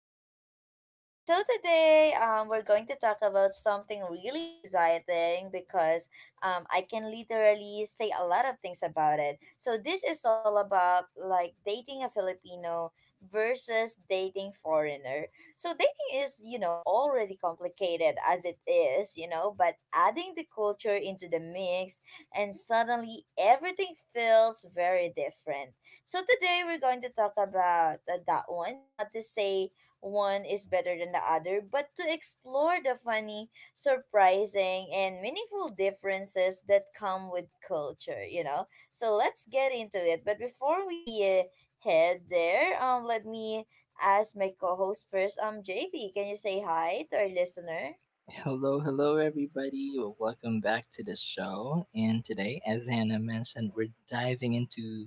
with JP. So today, we're going to talk about something really exciting because I can literally say a lot of things about it. So this is all about like dating a Filipino versus dating foreigner. So dating is, you know, already complicated as it is, you know, but adding the culture into the mix and suddenly everything feels very different, so today we're going to talk about that one. Not to say one is better than the other, but to explore the funny, surprising, and meaningful differences that come with culture, you know. So let's get into it. But before we head there, let me ask my co-host first. JB, can you say hi to our listener? Hello, hello, everybody. Well, welcome back to the show. And today, as Hannah mentioned, we're diving into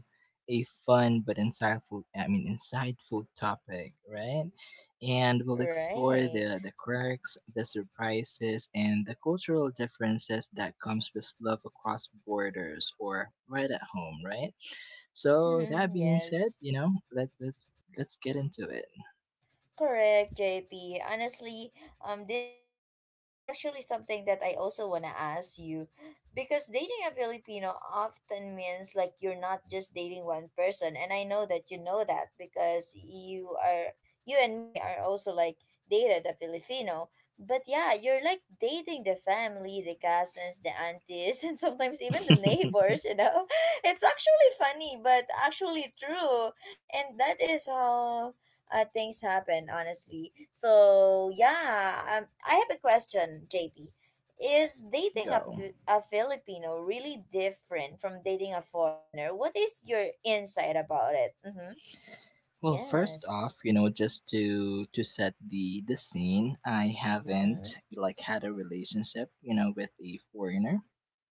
a fun but insightful, I mean, insightful topic, right? And we'll explore Right. the quirks, the surprises, and the cultural differences that comes with love across borders or right at home, right? So that being said, yes. you know, let's let's get into Correct, JP. Honestly, this topic is actually something that I also want to ask you because dating a Filipino often means like you're not just dating one person. And I know that you know that because you and me are also like dated a Filipino. But yeah, you're like dating the family, the cousins, the aunties, and sometimes even the it. neighbors, you know? It's actually funny, but actually true. And that is how things happen, honestly. So yeah, I have a question, JP. Is dating a, Go. A Filipino really different from dating a foreigner? What is your insight about it? Mm-hmm. Well, first Yes. off, you know, just to set the scene, I haven't Mm-hmm. like had a relationship, you know, with a foreigner,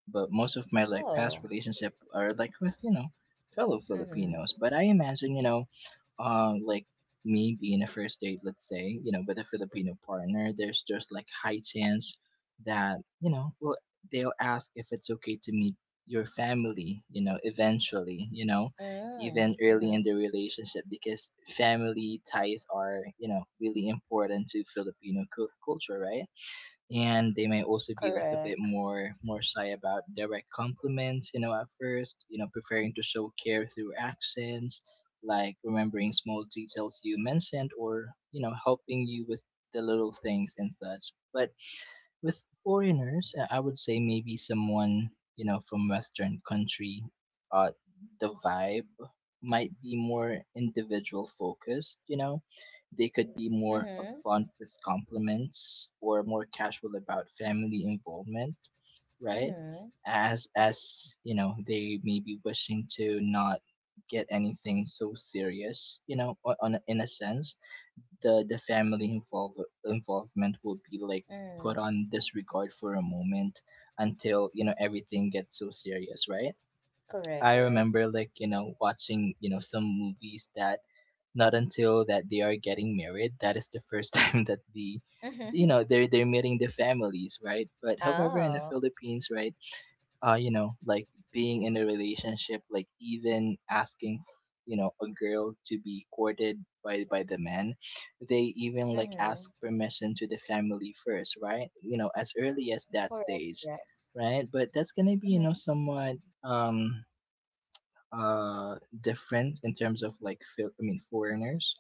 but most of my like past Oh. relationship are like with, you know, fellow Mm-hmm. Filipinos. But I imagine, you know, like me being a first date, let's say, you know, with a Filipino partner, there's just like high chance that, you know, well, they'll ask if it's okay to meet your family, you know, eventually, you know, Mm, even early in mm-hmm. the relationship, because family ties are, you know, really important to Filipino culture, right? And they may also be like a bit Correct. more shy about direct compliments, you know, at first, you know, preferring to show care through actions, like remembering small details you mentioned or, you know, helping you with the little things and such. But with foreigners, I would say maybe someone, you know, from Western country, uh, the vibe might be more individual focused, you know. They could be more Mm-hmm. upfront with compliments or more casual about family involvement, right? Mm-hmm. As, you know, they may be wishing to not get anything so serious, you know, in a sense the family involvement will be like put Mm, on disregard for a moment until, you know, everything gets so serious, right? correct, I correct. remember like, you know, watching, you know, some movies that not until that they are getting married that is the first time that the, you Mm-hmm. know, they're meeting the families, right? But however, in the oh. Philippines, right, you know, like being in a relationship, like even asking, you know, a girl to be courted by the man, they even like Mm-hmm. ask permission to the family first, right? You know, as early as that Correct, stage, correct. right? But that's gonna be, you know, Mm-hmm. somewhat um uh different in terms of like I mean foreigners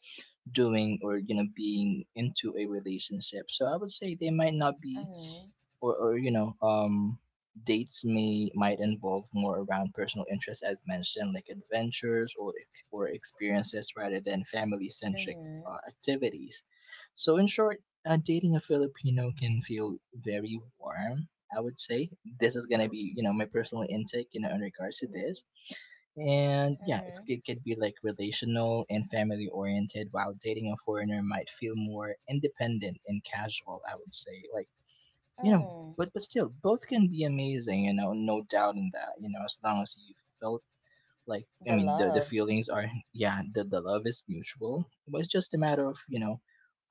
doing or, you know, being into a relationship. So I would say they might not be Mm-hmm. or you know, um, dates may might involve more around personal interests, as mentioned, like adventures or experiences rather than family centric Mm-hmm. Activities. So in short, dating a Filipino can feel very warm, I would say. This is going to be, you know, my personal intake, you know, in regards to this. And yeah, it's, Mm-hmm. it could be like relational and family oriented, while dating a foreigner might feel more independent and casual, I would say. Like, you know, Mm, but still, both can be amazing. You know, no doubt in that. You know, as long as you felt like, I the mean, the love. feelings are, yeah, the love is mutual. It was just a matter of, you know,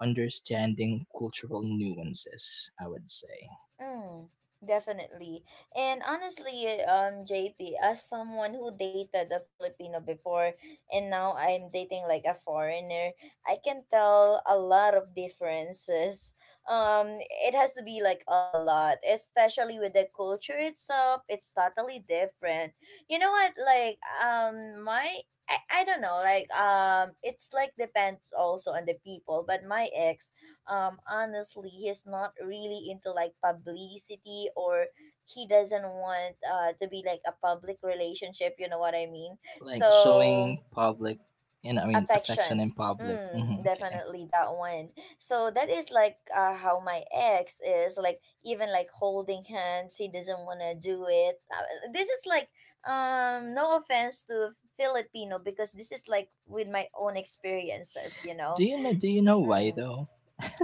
understanding cultural nuances, I would say. Mm, definitely. And honestly, JP, as someone who dated a Filipino before and now I'm dating like a foreigner, I can tell a lot of differences. Um, it has to be like a lot, especially with the culture itself. It's totally different. You know what? Like, my. I don't know, like it's like depends also on the people, but my ex, honestly, he's not really into like publicity, or he doesn't want to be like a public relationship, you know what I mean, Like so showing public, you know, I mean, affection affection. in public. Mm, Hmm, okay. definitely that one. So that is like how my ex is, like even like holding hands he doesn't want to do it. This is like no offense to Filipino, because this is like with my own experiences, you know. Do you know? Do you S- know why mm. though?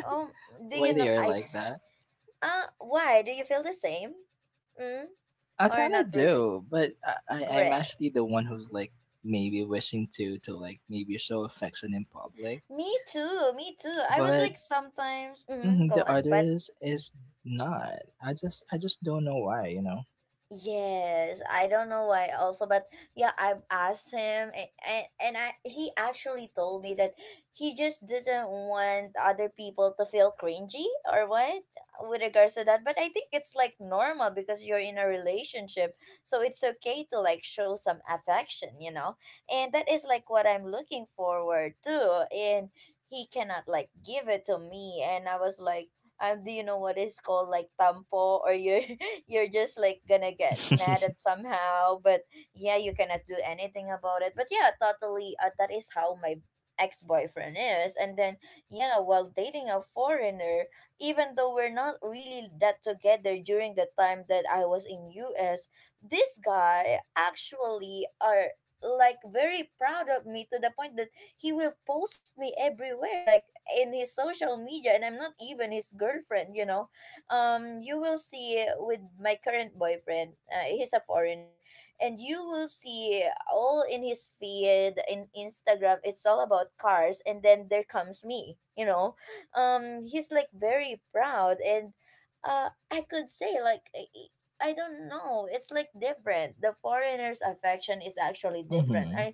Oh, do Why you know? they are I like that? Why? Do you feel the same? Mm, I or kind not of really? do, but I, I'm Great. actually the one who's like maybe wishing to like maybe show affection in public, Me too. I was but like sometimes, mm, mhm, go the on, but others is not. I just don't know why, you know. yes, I don't know why also, but yeah, I've asked him, and, and I, he actually told me that he just doesn't want other people to feel cringy or what with regards to that. But I think it's like normal because you're in a relationship. So it's okay to like show some affection, you know? And that is like what I'm looking forward to. And he cannot like give it to me, and I was like, do you know what is called like tampo, or you, you're just like gonna get mad at somehow, but yeah, you cannot do anything about it. But yeah, totally, that is how my ex-boyfriend is. And then yeah, while dating a foreigner, even though we're not really that together during the time that I was in US, this guy actually are like very proud of me to the point that he will post me everywhere, like in his social media, and I'm not even his girlfriend, you know. You will see with my current boyfriend, he's a foreigner, and you will see all in his feed in Instagram, it's all about cars, and then there comes me, you know. He's like very proud, and I could say like I don't know, it's like different, the foreigner's affection is actually different. Hmm. I.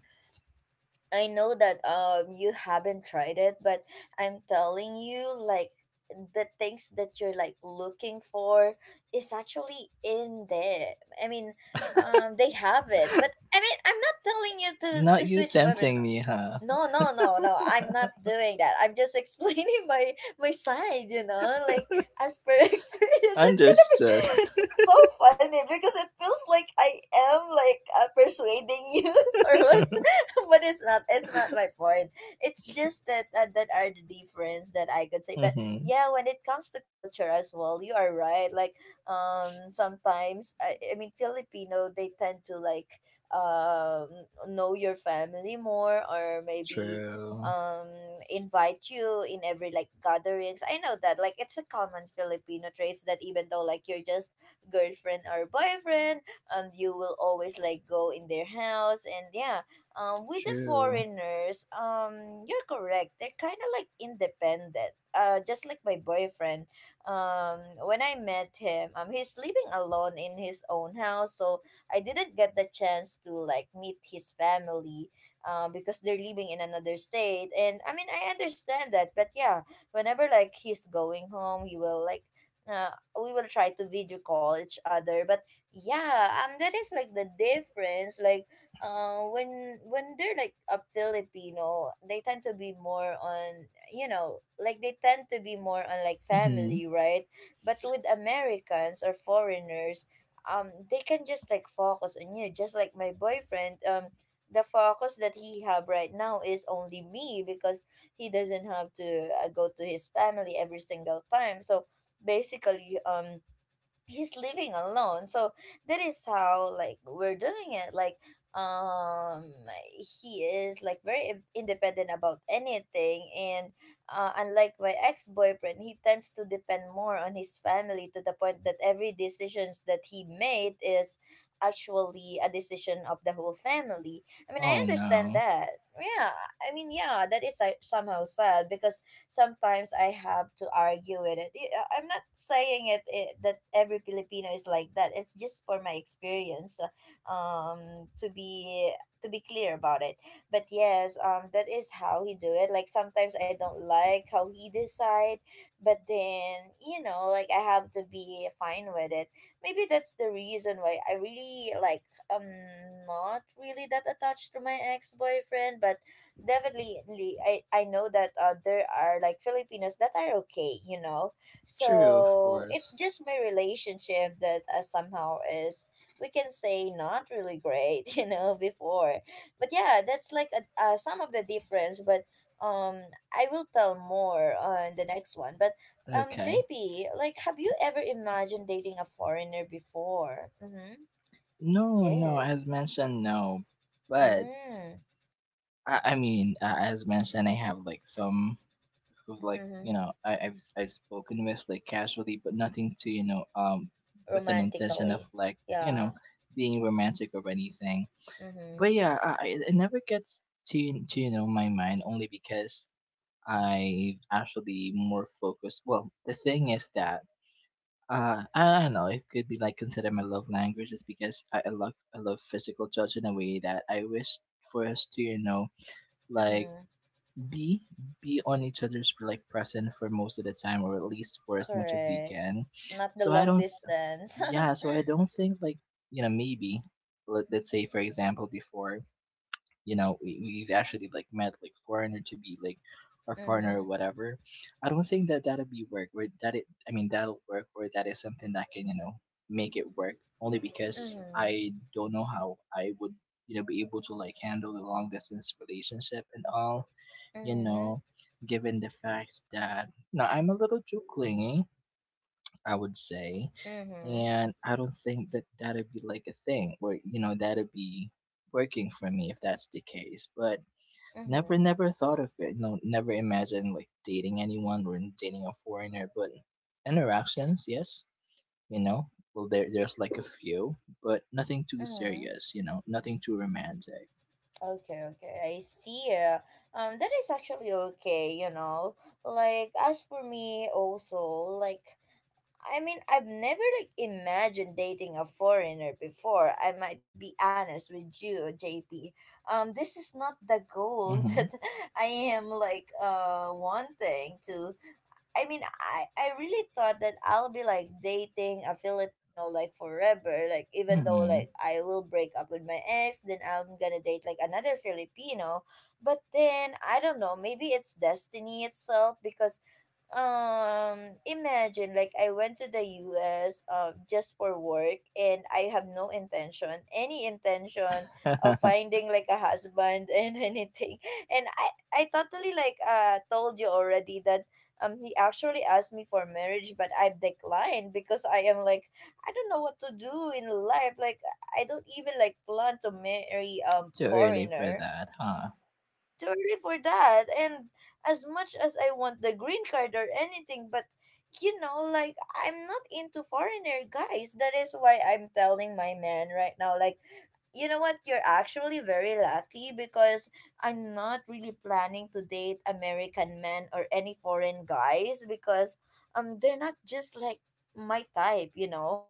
I know that you haven't tried it, but I'm telling you, like the things that you're like looking for is actually in there. I mean, they have it, but I mean, I'm not telling you to Not you switch button. tempting me, huh? No, no, no, no. I'm not doing that. I'm just explaining my side. You know, like as per experience, it's gonna be. Understood. It's so funny because it feels like I am like persuading you or what. but it's not, it's not my point. It's just that that are the difference that I could say. But Hmm. yeah, when it comes to culture as well, you are right, like sometimes I mean Filipino, they tend to like um know your family more, or maybe True. um invite you in every like gatherings. I know that like it's a common Filipino traits that even though like you're just girlfriend or boyfriend, and you will always like go in their house. And yeah, with the True. foreigners, you're correct. They're kind of like independent. Just like my boyfriend. Um, when I met him, he's living alone in his own house, so I didn't get the chance to like meet his family, because they're living in another state. And I mean, I understand that, but yeah, whenever like he's going home, he will like. Uh, we will try to video call each other. But yeah, that is like the difference, like when they're like a Filipino, they tend to be more on, you know, like they tend to be more on like Hmm. family, right? But with Americans or foreigners, they can just like focus on you. Just like my boyfriend, the focus that he have right now is only me, because he doesn't have to go to his family every single time. So basically, he's living alone, so that is how like we're doing it. Like um he is like very independent about anything. And unlike my ex-boyfriend, he tends to depend more on his family to the point that every decisions that he made is actually a decision of the whole family. I mean, I Oh understand no. that. Yeah, I mean yeah, that is like somehow sad, because sometimes I have to argue with it. I'm not saying it that every Filipino is like that. It's just for my experience. Um, to be to be clear about it. But yes, that is how he do it. Like sometimes I don't like how he decide, but then you know, like I have to be fine with it. Maybe that's the reason why I really like not really that attached to my ex boyfriend, but definitely I know that there are like Filipinos that are okay, you know. True, of So it's course. just my relationship that somehow is, we can say not really great, you know, before. But yeah, that's like a, some of the difference. But um, I will tell more on the next one. But Okay. JP, like, have you ever imagined dating a foreigner before? Mm-hmm. No, no. Yes. As mentioned, no. But Mm. I mean, as mentioned, I have like some who've like, Mm-hmm. you know, I've spoken with like casually, but nothing to, you know, um, with an intention of Romantically. like, you know, Yeah. being romantic or anything. Mm-hmm. But yeah, it never gets to you know my mind only because I actually more focused. Well, the thing is that. I don't know. It could be like considered my love language, is because I love physical touch in a way that I wish for us to, you know, like Mm. be be on each other's like present for most of the time or at least for as much as we Correct. can. Not the So I long don't th- distance. Yeah, so I don't think like, you know, maybe let's say for example before, you know, we've actually like met like foreigner to be like our partner or Mm-hmm. whatever. I don't think that that'll be work or that it I mean that'll work or that is something that can, you know, make it work, only because Mm-hmm. I don't know how I would, you know, be able to like handle the long distance relationship and all, you Mm-hmm. know, given the fact that now I'm a little too clingy, I would say, Mm-hmm. and I don't think that that'd be like a thing where, you know, that'd be working for me if that's the case. But Mm-hmm. never thought of it. No, never imagined like dating anyone or dating a foreigner. But interactions, yes, you know. Well, there's like a few, but nothing too Mm-hmm. serious, you know, nothing too romantic. Okay, okay, I see. Yeah. That is actually okay, you know. Like, as for me, also, like, I mean, I've never, like, imagined dating a foreigner before. I might be honest with you, JP. This is not the goal Mm-hmm. that I am, like, wanting to, I mean, I really thought that I'll be like dating a Filipino like forever. Like even though Mm-hmm. like I will break up with my ex, then I'm gonna date like another Filipino. But then I don't know, maybe it's destiny itself because imagine like I went to the US, just for work, and I have no intention, any intention of finding like a husband and anything. And I totally like told you already that he actually asked me for marriage, but I declined because I am like, I don't know what to do in life, like I don't even like plan to marry Too early for foreigner. that, huh? Yeah, totally for that. And as much as I want the green card or anything, but you know, like I'm not into foreigner guys. That is why I'm telling my man right now, like, you know what, you're actually very lucky because I'm not really planning to date American men or any foreign guys because they're not just like my type, you know.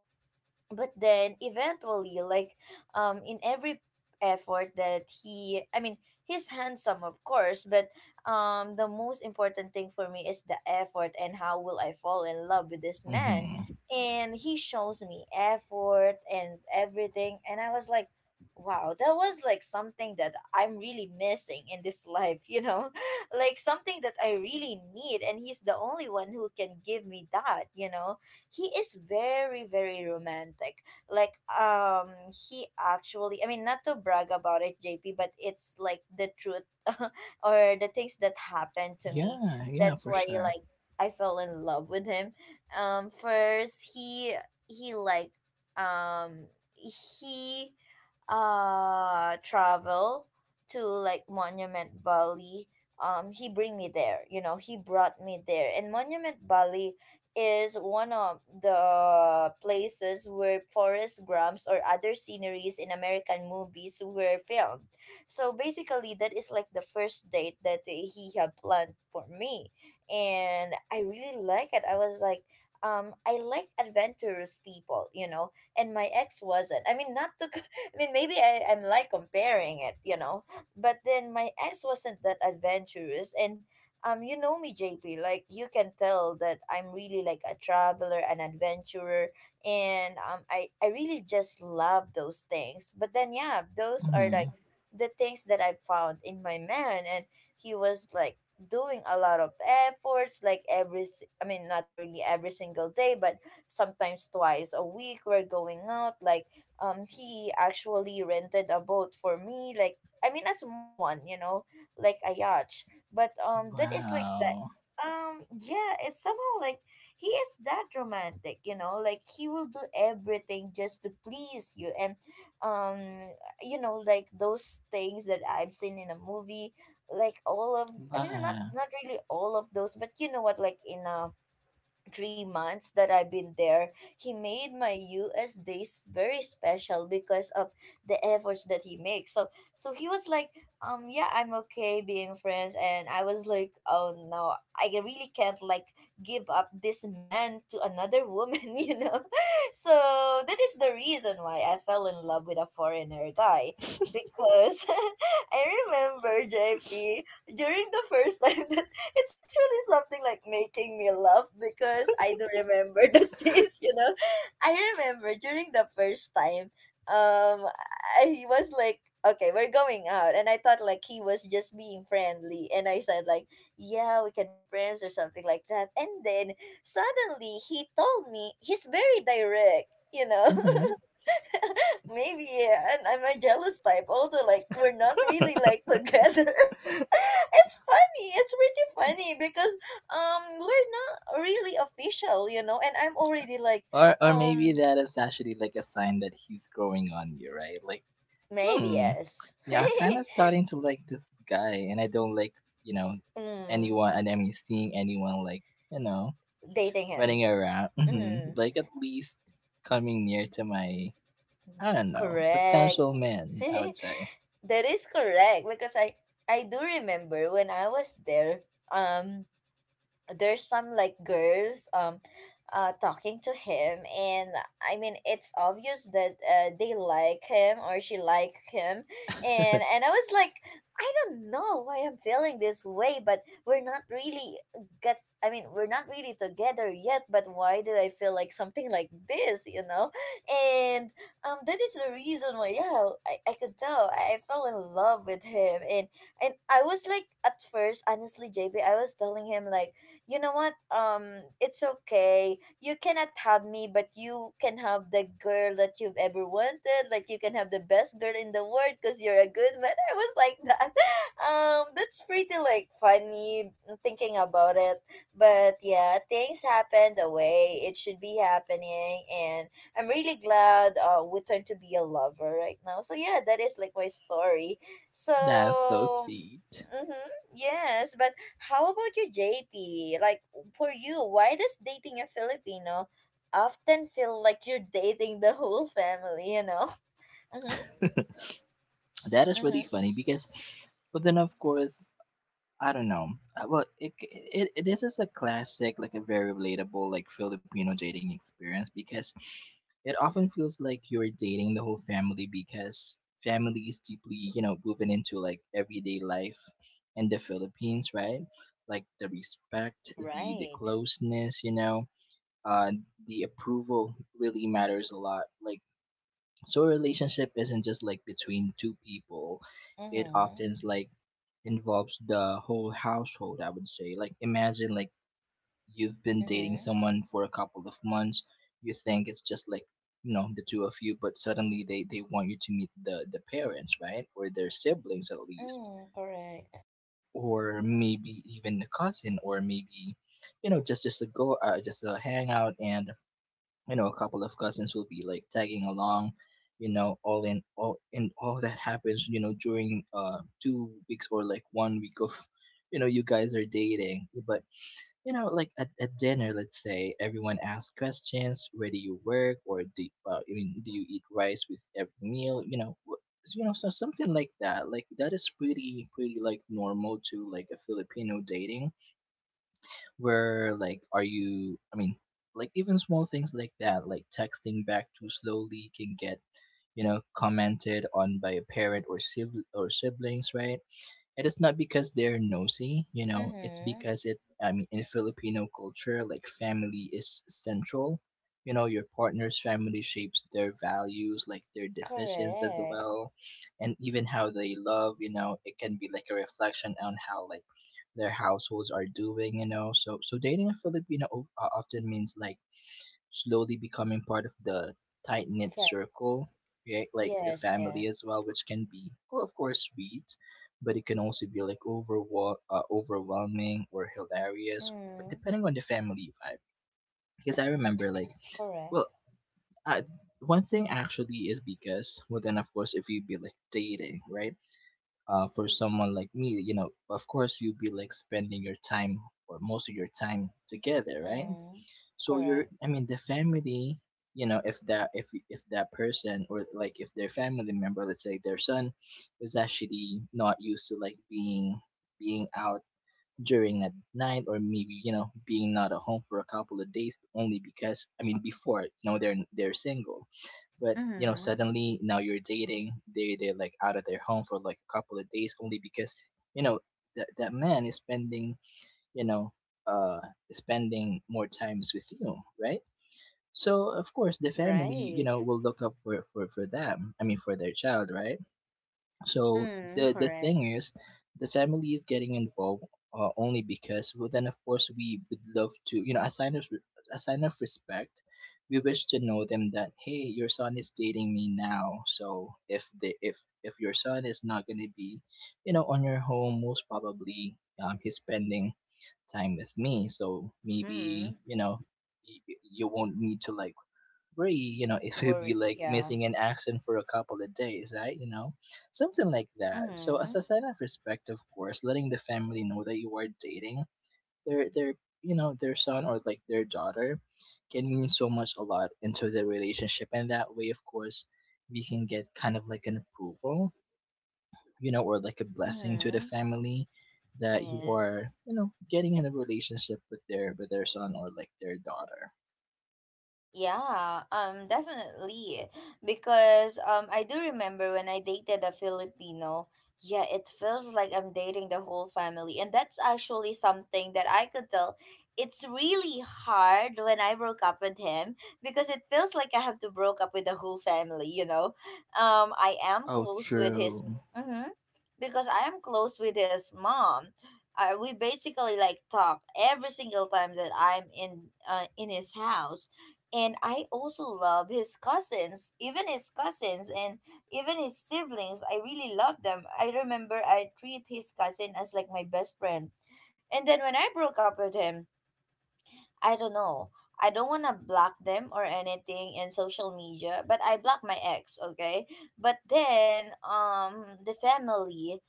But then eventually, like, in every effort that he I mean he's handsome, of course, but the most important thing for me is the effort and how will I fall in love with this man. Mm-hmm. And he shows me effort and everything, and I was like, wow, that was like something that I'm really missing in this life, you know, like something that I really need, and he's the only one who can give me that, you know. He is very, very romantic. Like, he actually not to brag about it, JP, but it's like the truth or the things that happened to me. Yeah, yeah, That's for why, sure. like, I fell in love with him. First he like um he Travel to like Monument Valley. He bring me there, you know, he brought me there. And Monument Valley is one of the places where forest grams or other sceneries in American movies were filmed. So basically that is like the first date that he had planned for me. And I really like it. I was like, I like adventurous people, you know, and my ex wasn't. I mean, not to I mean, maybe I'm like comparing it, you know. But then my ex wasn't that adventurous. And you know me, JP, like you can tell that I'm really like a traveler, an adventurer, and I really just love those things. But then, yeah, those are like Mm-hmm. the things that I found in my man. And he was like doing a lot of efforts, like every s- I mean not really every single day, but sometimes twice a week we're going out. Like, he actually rented a boat for me, like, I mean, a small one, you know, like a yacht. But that is like that. Wow. Yeah, it's somehow like he is that romantic, you know. Like, he will do everything just to please you. And um you know, like those things that I've seen in a movie, like all of not Wow. not really all of those, but you know what, like in a 3 months that I've been there, he made my US days very special because of the efforts that he makes. So so he was like, yeah, I'm okay being friends, and I was like, oh no, I really can't like give up this man to another woman, you know. So that is the reason why I fell in love with a foreigner guy, because I remember JP during the first time that it's actually something like making me laugh because I do remember the scenes, you know. I remember during the first time, um, he was like, okay, we're going out. And I thought like he was just being friendly. And I said like, yeah, we can be friends or something like that. And then suddenly he told me he's very direct, you know. Mm-hmm. Maybe, yeah, and I'm a jealous type, although like we're not really like together. It's funny, it's really funny, because we're not really official, you know, and I'm already like Or maybe um that is actually like a sign that he's growing on you, right? Like, maybe hmm, yes. yeah, I kind of starting to like this guy, and I don't like, you know, Mm, anyone, and I mean seeing anyone like, you know, dating him. running around. Mhm. Mm, Like at least coming near to my, I don't know, correct. potential man, I would say. That is correct because I do remember when I was there. There's some like girls talking to him, and I mean it's obvious that they like him or she like him. And I was like, I don't know why I'm feeling this way, but we're not really get I mean we're not really together yet, but why did I feel like something like this, you know. And that is the reason why, yeah, I could tell I fell in love with him. And I was like, at first honestly J B I was telling him like, you know what? It's okay. You cannot have me, but you can have the girl that you've ever wanted. Like you can have the best girl in the world because you're a good man. I was like that. That's pretty like funny thinking about it. But yeah, things happen the way it should be happening, and I'm really glad we turned to be a lover right now. So yeah, that is like my story. That's so So sweet. mm-hmm. Yes, but how about you, JP? Like for you, why does dating a Filipino often feel like you're dating the whole family? You know. Mm-hmm. That is really Mm-hmm. funny because, but then of course I don't know. Well, it this is a classic, like a very relatable, like Filipino dating experience, because it often feels like you're dating the whole family because family is deeply, you know, woven into like everyday life in the Philippines, right? Like the respect, the Right. closeness, you know, uh, the approval really matters a lot. Like so a relationship isn't just like between two people, it Mm-hmm. often is like involves the whole household, I would say. Like imagine like you've been Mm-hmm. dating someone for a couple of months, you think it's just like, you know, the two of you, but suddenly they want you to meet the parents, right, or their siblings at least, Mm, correct. or maybe even the cousin, or maybe, you know, just a go just a hangout, and you know a couple of cousins will be like tagging along, you know. All in all that happens, you know, during 2 weeks or like one week of, you know, you guys are dating. But you know like at dinner, let's say, everyone asks questions, where do you work, or do I mean do you eat rice with every meal, you know, you know, so something like that. Like that is pretty like normal to like a Filipino dating, where like are you, I mean, like even small things like that, like texting back too slowly can get, you know, commented on by a parent or siblings, right? It is not because they're nosy, you know, it's Mm-hmm. because it, I mean, in Filipino culture, like family is central. You know, your partner's family shapes their values, like their decisions as Correct. well, and even how they love, you know, it can be like a reflection on how like their households are doing, you know. So so dating a Filipino often means like slowly becoming part of the tight knit Fa- circle, right? Like the yes. family Yes. as well, which can be, oh, of course, sweet, but it can also be like overwhelming or hilarious, but Mm. depending on the family vibe. Because I remember, like, Correct. well, I, one thing actually is because, well, then of course, if you be like dating, right? For someone like me, you know, of course, you'd be like spending your time or most of your time together, right? Mm. So you're, Correct. I mean, the family, you know, if that, if that person or like if their family member, let's say their son, is actually not used to like being out during at night, or maybe, you know, being not at home for a couple of days, only because I mean before, you know, they're single, but you know, Mm-hmm. suddenly now you're dating, they're like out of their home for like a couple of days only because, you know, that that man is spending, you know, uh spending more times with you, right? So of course the family, you Right. know, will look up for for them. I mean for their child, right? So Mm. the Correct. thing is, the family is getting involved only because. Well, then of course we would love to, you know, a sign of respect. We wish to know them that hey, your son is dating me now. So if they if your son is not going to be, you know, on your home, most probably he's spending time with me. So maybe Mm. you know you won't need to like where you know it will be Worry. like Yeah. missing an accent for a couple of days, right? You know, something like that. So Mm-hmm. as a sign of respect, of course letting the family know that you are dating their, you know, their son or like their daughter can mean so much a lot into the relationship, and that way of course we can get kind of like an approval, you know, or like a blessing to the Mm-hmm. family that you Yes. are, you know, getting in a relationship with their son or like their daughter. Yeah, definitely. Because I do remember when I dated a Filipino. Yeah, it feels like I'm dating the whole family, and that's actually something that I could tell. It's really hard when I broke up with him because it feels like I have to broke up with the whole family. You know, I am Oh, close with his. true. Mm-hmm, because I am close with his mom. We basically like talk every single time that I'm in his house, and I also love his cousins, even his cousins and even his siblings. I really love them. I remember I treat his cousin as like my best friend. And then when I broke up with him, I don't know. I don't want to block them or anything in social media, but I block my ex, okay? But then the family,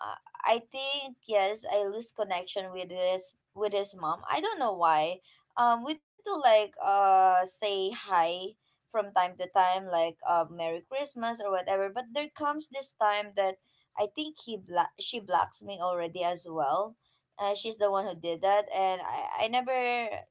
uh, I think yes, I lose connection with his mom. I don't know why. We tend to like say hi from time to time, like, Merry Christmas or whatever. But there comes this time that I think she blocks me already as well. She's the one who did that, and I never,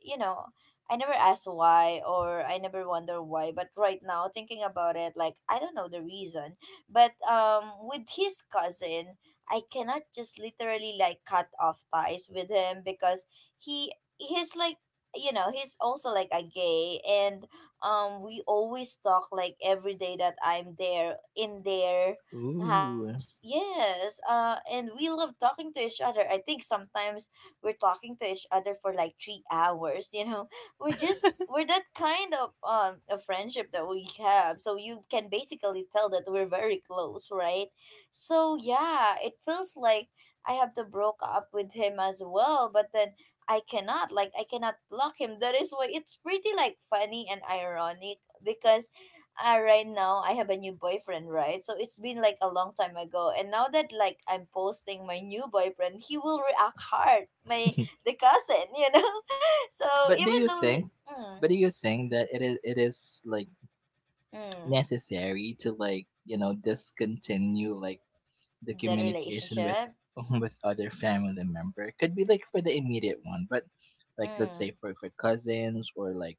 you know, I never asked why or I never wonder why. But right now, thinking about it, like, I don't know the reason. But with his cousin, I cannot just literally like cut off ties with him because he he's like, you know, he's also like a gay. And we always talk like every day that I'm there in there Ooh. house. Yes. And we love talking to each other. I think sometimes we're talking to each other for like 3 hours. You know, we're that kind of a friendship that we have. So you can basically tell that we're very close, right? So yeah, it feels like I have to broke up with him as well, but then. I cannot block him. That is why it's pretty like funny and ironic because, ah, right now I have a new boyfriend, right? So it's been like a long time ago, and now that like I'm posting my new boyfriend, he will react hard. My the cousin, you know. So But do even you though like, think, mm, but do you think that it is like mm, necessary to, like, you know, discontinue like the the communication with relationship, with other family member? Could be like for the immediate one, but like let's say mm, for cousins or like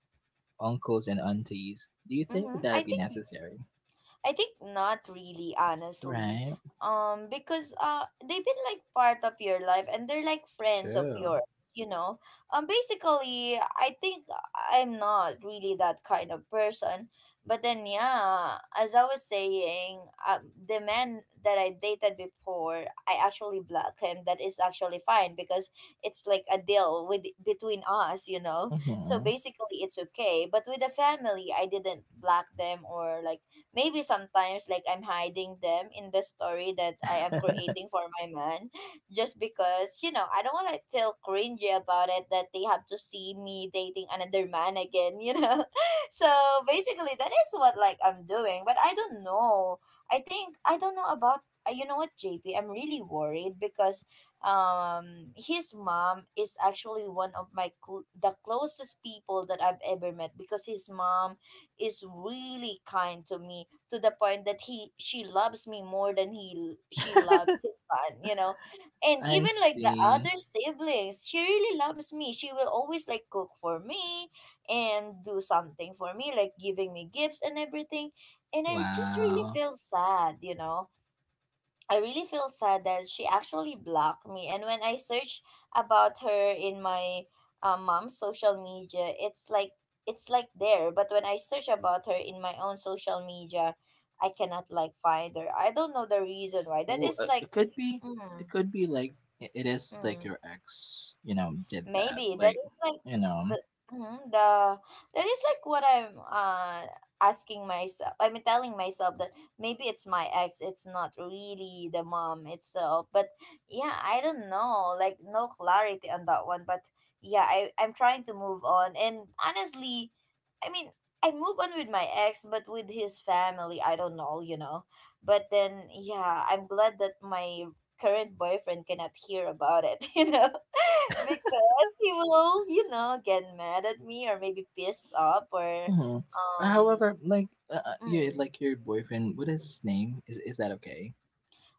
uncles and aunties. Do you think that mm-hmm, I that'd be think necessary? Not really, honestly. Right. Because they've been like part of your life, and they're like friends of True. yours, you know. Basically, I think I'm not really that kind of person. But then, yeah, as I was saying, the man that I dated before, I actually blocked him. That is actually fine because it's like a deal with between us, you know. So Mm-hmm. basically, it's okay. But with the family, I didn't block them, or like maybe sometimes like I'm hiding them in the story that I am creating for my man just because, you know, I don't want to feel cringy about it that they have to see me dating another man again, you know. So basically that is what like I'm doing, but I don't know. I think I don't know about you know what, JP, I'm really worried because his mom is actually one of my the closest people that I've ever met because his mom is really kind to me, to the point that he she loves me more than he she loves his son, you know. And I even like the see. other siblings, she really loves me. She will always like cook for me and do something for me, like giving me gifts and everything. And I just really Wow. feel sad, you know. I really feel sad that she actually blocked me. And when I search about her in my mom's social media, it's like there. But when I search about her in my own social media, I cannot like find her. I don't know the reason why. That Ooh, is like, mm, it could be like it is like mm. your ex, you know, did that, Maybe that like, is like you know. the mhm, the that is like what I'm asking myself. I mean, telling myself that maybe it's my ex. It's not really the mom itself. But yeah, I don't know. Like no clarity on that one. But yeah, I'm trying to move on. And honestly, I mean. I move on with my ex, but with his family, I don't know, you know. But then, yeah, I'm glad that my current boyfriend cannot hear about it, you know. Because he will get mad at me or maybe pissed up or Hmm. um However, like, you mm, like your boyfriend. What is his name? Is that okay?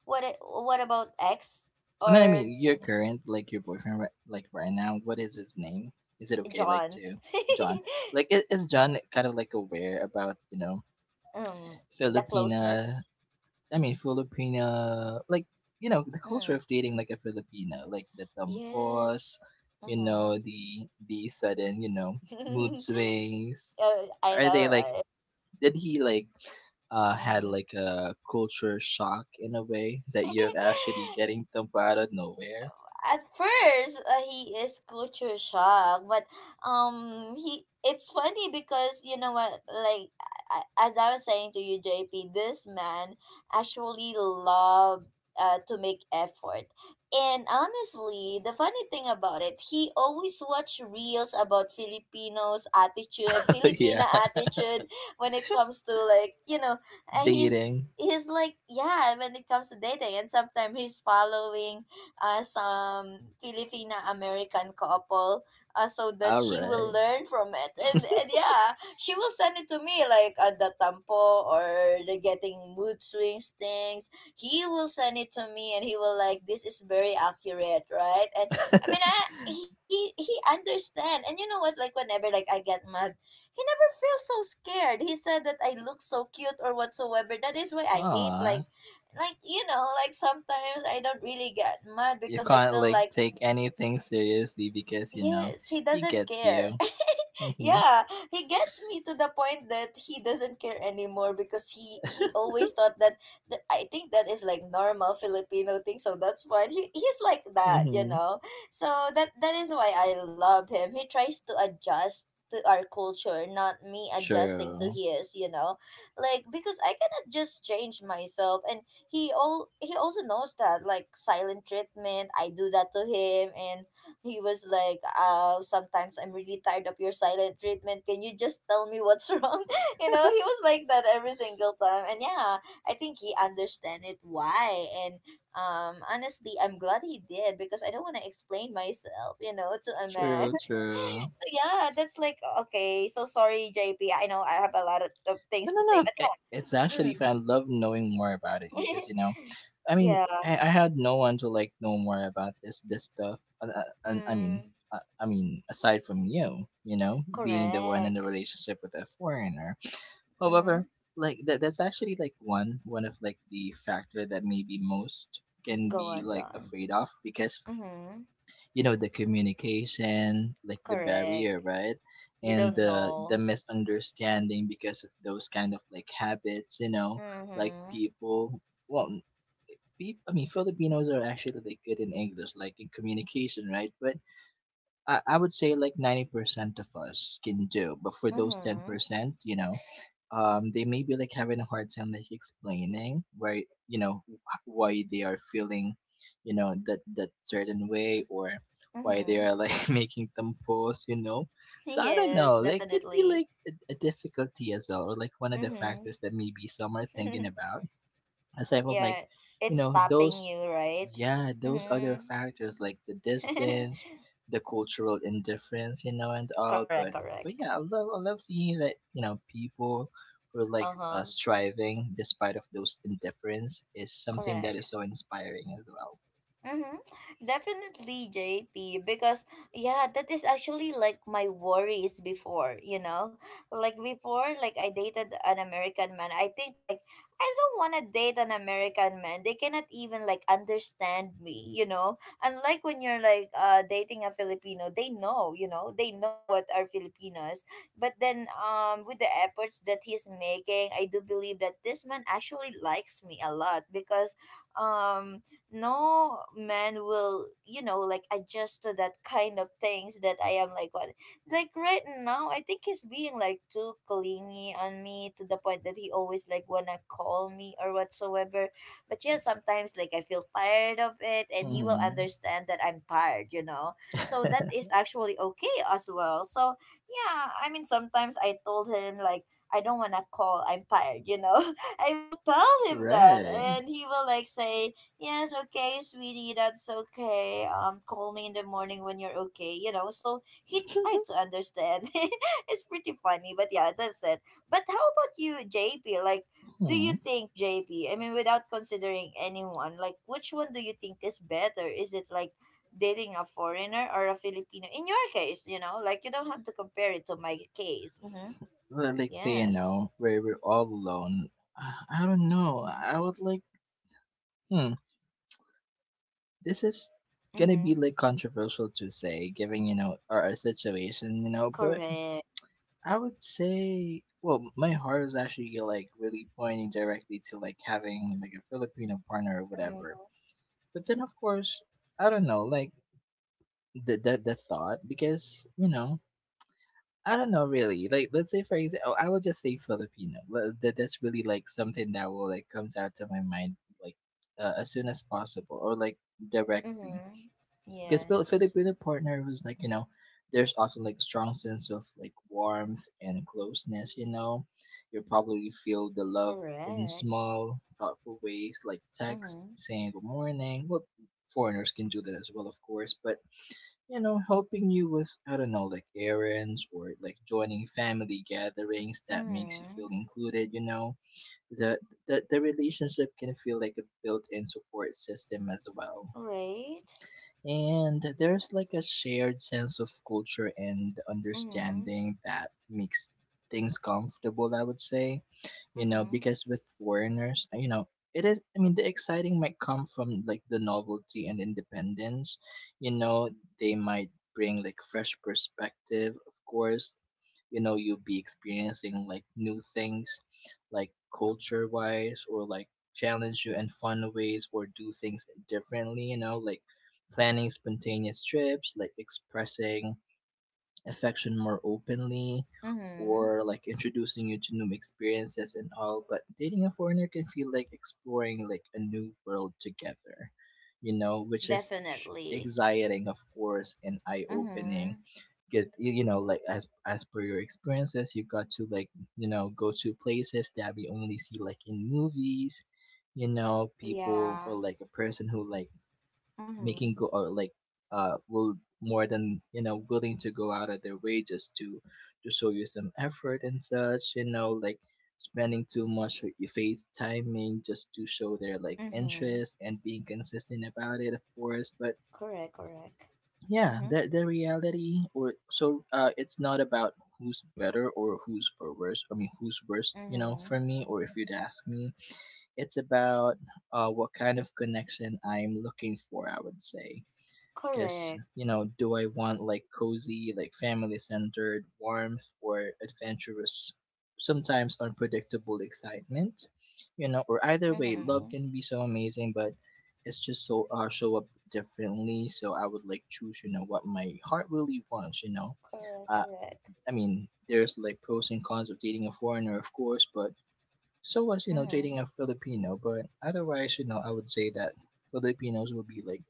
what about X And I or mean, your current, like your boyfriend, like right now. What is his name? Is it okay, like John? to John? Like, is John kind of like aware about, you know, um the Filipina, closeness. I mean, Filipino, like, you know, the culture Mm, of dating like a Filipino, like the thumb pause, yes. you Mm-hmm. know, the sudden, you know, mood swings. I Are know, they like, right? did he like, had Mm. like a culture shock in a way that you're actually getting thumpo out of nowhere? At first he is culture shock, but he it's funny because you know what, like as I was saying to you, JP, this man actually loved to make effort. And honestly, the funny thing about it, he always watch reels about filipinos attitude Yeah, filipina attitude when it comes to, like, he's dating. Like, yeah, when it comes to dating. And sometimes he's following some Filipina American couple, so that All she will right. learn from it. And yeah, she will send it to me like at the tampo or the getting mood swings things. He will send it to me and he will like this is very accurate, right? And I mean, he understand. And you know what, like whenever, like, I get mad, he never feels so scared. He said that I look so cute or whatsoever. That is why I hate, like, Aw, you know, like sometimes I don't really get mad you because I can't feel like like take anything seriously because you know yes, he he doesn't gets care. you. Mhm. Yeah, he gets me to the point that he doesn't care anymore because he always thought that, that I think that is like normal Filipino thing, so that's why he's like that, you Mhm. know. So that that is why I love him. He tries to adjust to our culture, not me adjusting to True. his, you know. Like, because I cannot just change myself. And he also knows that, like, silent treatment, I do that to him. And he was like, sometimes I'm really tired of your silent treatment. Can you just tell me what's wrong? You know, he was like that every single time. And yeah, I think he understand it why. And honestly, I'm glad he did because I don't want to explain myself, you know, to a man. True. True. So yeah, that's like okay. So sorry, JP. I know I have a lot of No. things No. to say, No. but It's yeah, actually mm. fun. I love knowing more about it because, you know, I mean, Yeah, I had no one to like know more about this stuff. And mm. I mean, aside from you, you know, being the one in the Correct. relationship with a foreigner. Mm-hmm. However, like that that's actually like one of like the factor that maybe most can Go be on, go like on. afraid of because Mm-hmm. you know the communication, like the Correct. barrier, right? You And don't the know. the misunderstanding because of those kind of like habits, you know, like Mm-hmm. people, well, people, I mean, Filipinos are actually like good in English, like in communication, right? But I would say like 90% of us can do, but for those Mm-hmm. 10%, you know, they may be like having a hard time like explaining why, you know, why they are feeling, you know, that, that certain way, or why they Mm-hmm. are like making them pause, you know. So I don't Yes, know, like it'd be definitely. like a difficulty as well, or like one of the factors Mm-hmm. that maybe some are thinking about aside from Yeah. like, you It's know, stopping those, you, right? yeah, those other Mm-hmm. factors like the distance, the cultural indifference, you know, and all. Correct, But correct. yeah, I love, I love seeing that, you know, people who are like, Uh-huh. striving despite of those indifference is something that Correct. is so inspiring as well. Mm-hmm. Definitely, JP, because yeah, that is actually like my worries before, you know? Like before, like I dated an American man. I think, like, I don't want to date an American man. They cannot even, like, understand me, you know? Unlike when you're like dating a Filipino, they know, you know? They know what are Filipinos. But then with the efforts that he's making, I do believe that this man actually likes me a lot because um no man will, you know, like adjust to that kind of things that I am like what, like right now I think he's being like too clingy on me to the point that he always like wanna call me or whatsoever. But yeah, sometimes like I feel tired of it and he will Hmm. understand that I'm tired, so that is actually okay as well. So yeah, I mean sometimes I told him, like, I don't wanna call. I'm tired. I will tell him that, Right. and he will like say, yes, okay, sweetie, that's okay. Call me in the morning when you're okay. So he tried to understand. It's pretty funny, but yeah, that's it. But how about you, JP? Like, do you Mhm. think, JP, I mean, without considering anyone, like, which one do you think is better? Is it like dating a foreigner or a Filipino? In your case, you know, like, you don't have to compare it to my case. Mm-hmm. Let- let's say, you Yes. know, where we're all alone, uh, I don't know, I would like, hmm, this is gonna be Mm-hmm. like controversial to say given, you know, our situation, you know, but Correct. I would say, well, my heart is actually like really pointing directly to like having like a Filipino partner or whatever, Mm-hmm. but then of course I don't know like the thought because, you know, I don't know really. Like, let's say for example, I will just say Filipino. Well, that that's really like something that will like comes out to my mind like, as soon as possible or like directly. Mm-hmm. Because Yes. Filipino partner was like, you know, there's also like strong sense of like warmth and closeness. You know, you probably feel the love in Correct. small thoughtful ways like text Mhm. saying good morning. Well, foreigners can do that as well, of course, but you know, helping you with, I don't know, like errands or like joining family gatherings that makes you feel Mhm. included, you know. The the relationship can feel like a built in support system as well. Right. And there's like a shared sense of culture and Mhm. understanding that makes things comfortable, I would say. You know, Mhm. because with foreigners, you know, it is, I mean, the exciting might come from like the novelty and independence. You know, they might bring like fresh perspective, of course, you know, you'll be experiencing like new things like culture wise or like challenge you in fun ways or do things differently, you know, like planning spontaneous trips, like expressing affection more openly Mhm. or like introducing you to new experiences and all. But dating a foreigner can feel like exploring like a new world together, you know, which is Definitely. exciting of course and eye-opening, Mhm. get you, you know, like as per your experiences you got to like, you know, go to places that we only see like in movies, you know, people Yeah. or like a person who like Mhm. making go or like, will more than, you know, willing to go out of their way just to show you some effort and such, you know, like spending too much of your face timing just to show their like Mhm. interest and being consistent about it of course. But Correct. Correct. yeah, Mhm. The reality or so, uh, it's not about who's better or who's for worse, I mean who's worse, you know, for Mhm. me or if you'd ask me, it's about, what kind of connection I'm looking for, I would say, because Correct. you know, do I want like cozy like family centered warmth or adventurous, sometimes unpredictable excitement, you know, or either way love Mhm. can be so amazing, but it's just so, show up differently. So I would like choose, you know, what my heart really wants, you know. Correct. uh, Correct. I mean, there's like pros and cons of dating a foreigner of course, but so was, you know, Mhm. dating a Filipino, but otherwise, you know, I would say that Filipinos will be like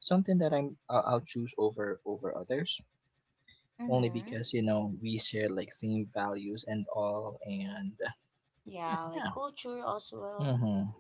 something that I'll choose over others only Mhm. because, you know, we share like same values and all. And Yeah, like yeah. culture as well. Mm-hmm.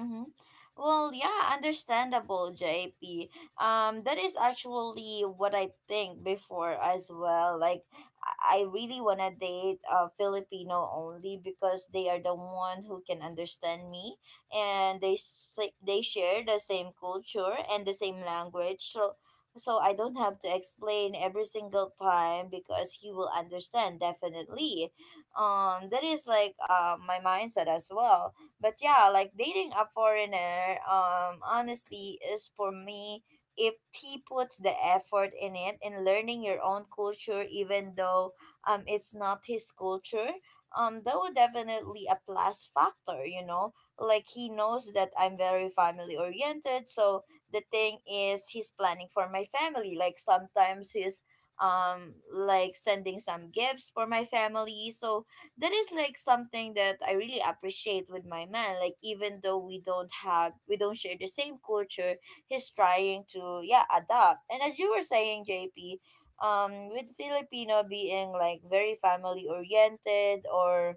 Mm-hmm. Well, yeah, understandable, JP. That is actually what I think before as well. Like, I really wanna date a Filipino only because they are the one who can understand me, and they say, they share the same culture and the same language. So I don't have to explain every single time because he will understand definitely. That is like my mindset as well, but yeah, like dating a foreigner, honestly, is for me if he puts the effort in it in learning your own culture, even though it's not his culture. That would definitely a plus factor, you know. Like he knows that I'm very family oriented, so the thing is he's planning for my family. Like sometimes he's like sending some gifts for my family, so that is like something that I really appreciate with my man. Like even though we don't share the same culture, he's trying to, yeah, adapt. And as you were saying, JP, with Filipino being like very family oriented, or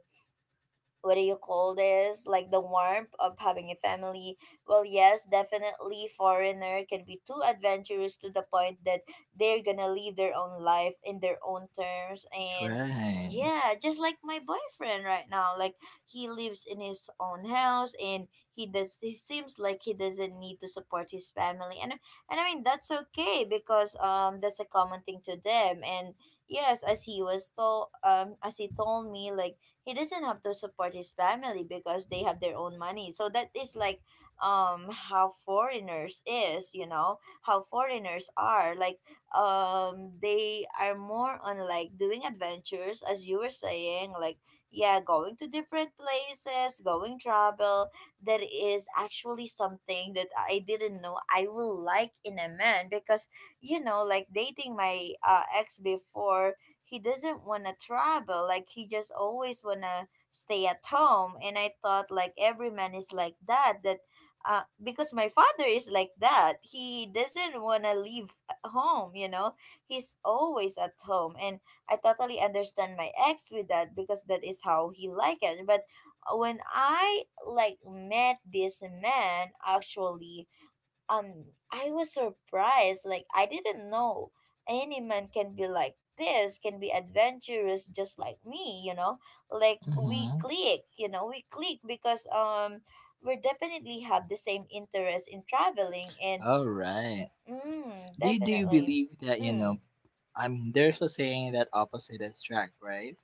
what do you call this, like the warmth of having a family. Well, yes, definitely foreigner can be too adventurous to the point that they're gonna live their own life in their own terms. And Right. yeah, just like my boyfriend right now, like he lives in his own house. And he seems like he doesn't need to support his family. And I mean, that's okay because that's a common thing to them. And yes, as he told me, like, he doesn't have to support his family because they have their own money. So that is like how foreigners is, you know, how foreigners are, like, they are more on like doing adventures. As you were saying, like, yeah, going to different places, going travel. That is actually something that I didn't know I will like in a man because, you know, like dating my ex before, he doesn't want to travel. Like he just always want to stay at home, and I thought like every man is like that, that because my father is like that. He doesn't want to leave home, you know. He's always at home. And I totally understand my ex with that because that is how he like it. But when I like met this man actually, and I was surprised. Like I didn't know any man can be like this, can be adventurous just like me, you know? Like we Mm-hmm. click, you know, we click because we definitely have the same interest in traveling. And All right. mm, Do you definitely. believe that, you know, Mm, I mean, there's a saying that opposite attract, right?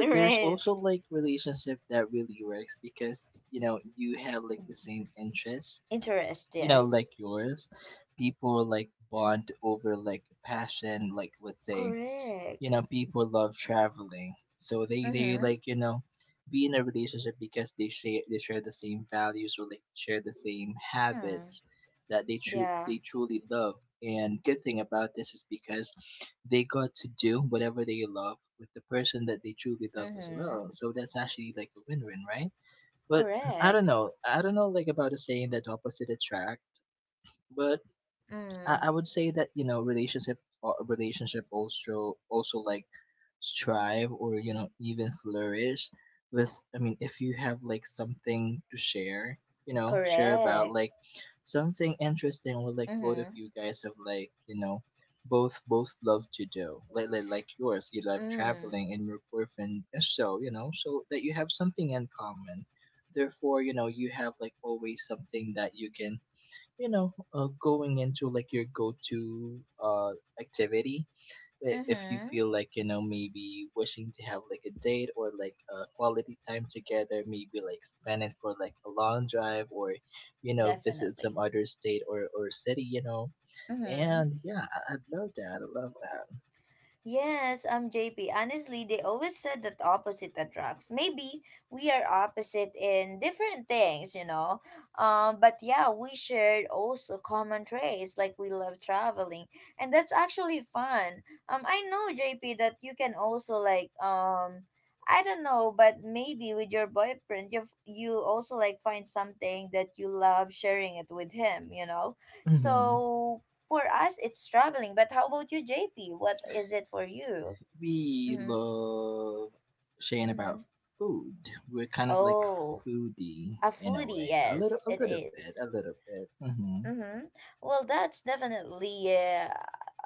there's right. also like relationship that really works because, you know, you have like the same interest, Interest, you know, yes. like yours. People Mm-hmm. like bond over like passion, like let's say, you Correct. know, people love traveling so they Mm-hmm. like, you know, be in a relationship because they share the same values or like share the same Mm. habits that they Yeah. they truly love. And good thing about this is because they got to do whatever they love with the person that they truly love as Mm-hmm. well, so that's actually like a win-win, right? But I don't Correct. know, I don't know like about the saying that opposite attract, but Mm. I would say that, you know, relationship, relationship also like strive or, you know, even flourish with, I mean, if you have like something to share, you know, share about Correct. like something interesting, or like both of Mm-hmm. you guys have like, you know, both love to do like like yours, you love Mm. traveling and your boyfriend is so, you know, so that you have something in common. Therefore, you know, you have like always something that you can, you know, going into like your go-to activity. I- if you Mm-hmm. feel like, you know, maybe wishing to have like a date or like a quality time together, maybe like spend it for like a long drive, or you know, visit some Definitely. other state or city, you know. Mm-hmm. And yeah, I, I'd love that, I love that. Yes, I'm JP. Honestly, they always said that opposite attracts. Maybe we are opposite in different things, you know. But yeah, we shared also common traits like we love traveling, and that's actually fun. I know, JP, that you can also like I don't know, but maybe with your boyfriend, you also like find something that you love sharing it with him, you know. Hmm. So for us, it's traveling. But how about you, JP? What is it for you? We Mm-hmm. love sharing Mm-hmm. about food. We're kind of like Oh, foodie a in a foodie. way, a little, Yes, it is. A little bit. Mm-hmm. Mm-hmm. Well, uh,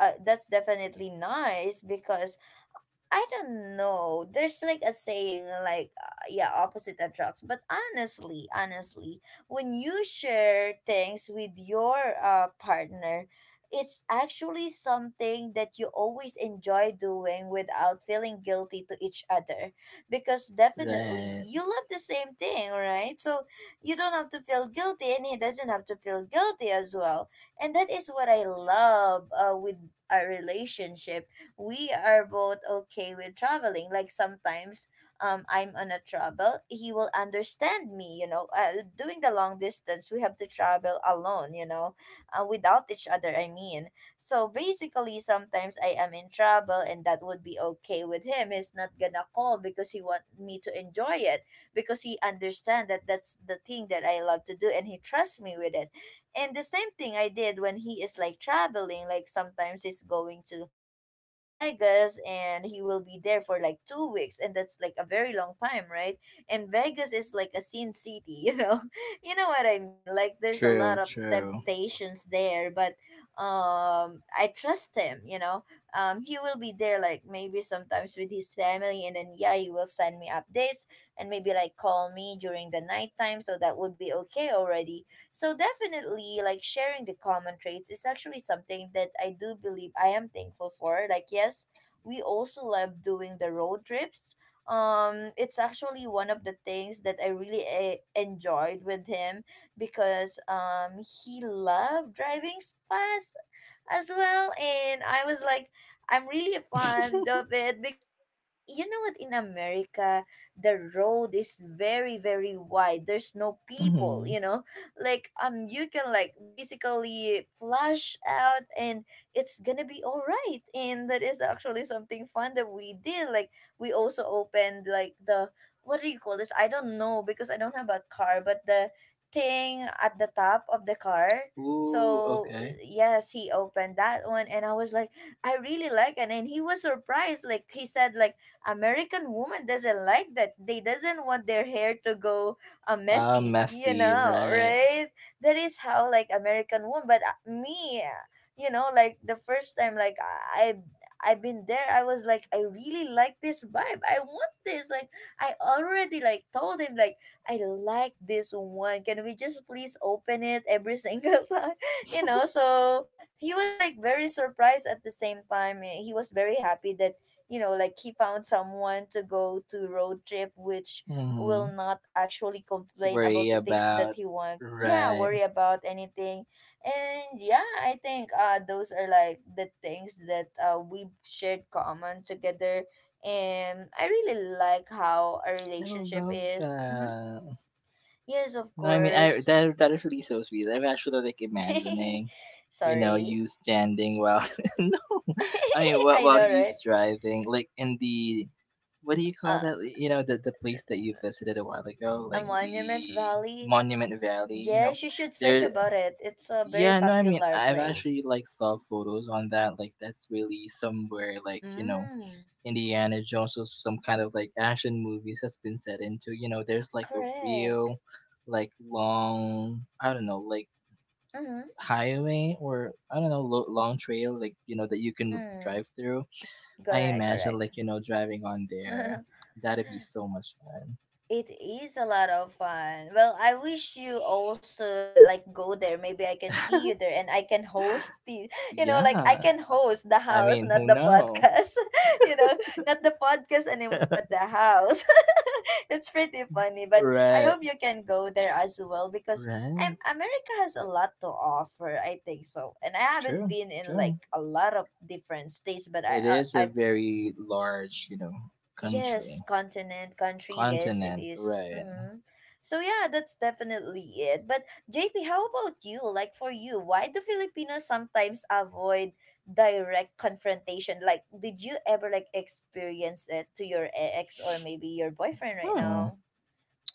uh, that's definitely nice because I don't know. There's like a saying, like, yeah, opposite attracts. But honestly, honestly, when you share things with your partner, it's actually something that you always enjoy doing without feeling guilty to each other because definitely Right. you love the same thing, right? So you don't have to feel guilty, and he doesn't have to feel guilty as well. And that is what I love, with a relationship we are both okay with traveling. Like sometimes I'm on a travel, he will understand me, you know. Doing the long distance, we have to travel alone, you know, without each other, I mean. So basically sometimes I am in trouble and that would be okay with him. He's not gonna call because he want me to enjoy it because he understand that that's the thing that I love to do and he trusts me with it. And the same thing I did when he is like traveling, like sometimes he's going to you know to Vegas and he will be there for like 2 weeks, and that's like a very long time, right? And Vegas is like a sin city, you know. You know what I mean, like there's a lot True, of true. temptations there, but I trust him, you know. He will be there like maybe sometimes with his family, and then yeah, he will send me updates and maybe like call me during the night time, so that would be okay already. So definitely, like sharing the common traits is actually something that I do believe I am thankful for. Like yes, we also love doing the road trips. It's actually one of the things that I really enjoyed with him because he loved driving fast as well. And I was like, I'm really fond of it because you know what, in America, the road is very, very wide. There's no people, Hmm. you know? Like, you can like basically flash out and it's gonna be all right. And that is actually something fun that we did. Like, we also opened like the, what do you call this? I don't know because I don't have a car, but the thing at the top of the car. Ooh, So okay. yes, he opened that one, and I was like, I really like it. And he was surprised. Like he said, like American woman doesn't like that. They doesn't want their hair to go Ah, messy, you messy, know, right. right? That is how like American woman. But me, you know, like the first time, like I've been there, I was like, I really like this vibe. I want this. Like I already like told him like I like this one. Can we just please open it every single time? You know, so he was like very surprised. At the same time, eh, he was very happy that you know, like he found someone to go to road trip which will Hmm. not actually complain about Worry the things that about, he want, yeah, right. worry about anything. And yeah, I think those are like the things that we shared common together, and I really like how our I relationship love is. Hmm, that. yes, of No, I mean, I, course. that that is really so sweet. I'm actually like imagining, you know, Sorry. you standing while, no, I mean, while I know, he's right? driving, like in the, what do you call Uh, that? You know, the place that you visited a while ago, a like Monument the Valley. Monument Valley. You know, Yes, you should search there about it. It's a very Yeah, no, I mean, popular I've place. actually like saw photos on that. Like, that's really somewhere like you know Mm, Indiana Jones or some kind of like action movies has been set into. You know, there's like a correct. real, like long, I don't know, like Mm-hmm. highway or I don't know, long trail like you know that you can Mm, drive through. I correct, imagine correct. like you know driving on there. That'd be so much fun. It is a lot of fun. Well, I wish you also like go there. Maybe I can see you there and I can host the, you know, like I Yeah, can host the I house, mean, not who the know? podcast. You know, not the podcast anymore, but the house. It's pretty funny, but I Right, hope you can go there as well because right. America has a lot to offer, I think so. And I haven't True, been in true. like a lot of different states, but I It uh, is a I very large, you know, country, yes, continent, country, yes, it continent, is. right? Mm-hmm. So yeah, that's definitely it. But JP, how about you? Like for you, why do Filipinos sometimes avoid direct confrontation? Like, did you ever like experience it to your ex or maybe your boyfriend right Hmm. now?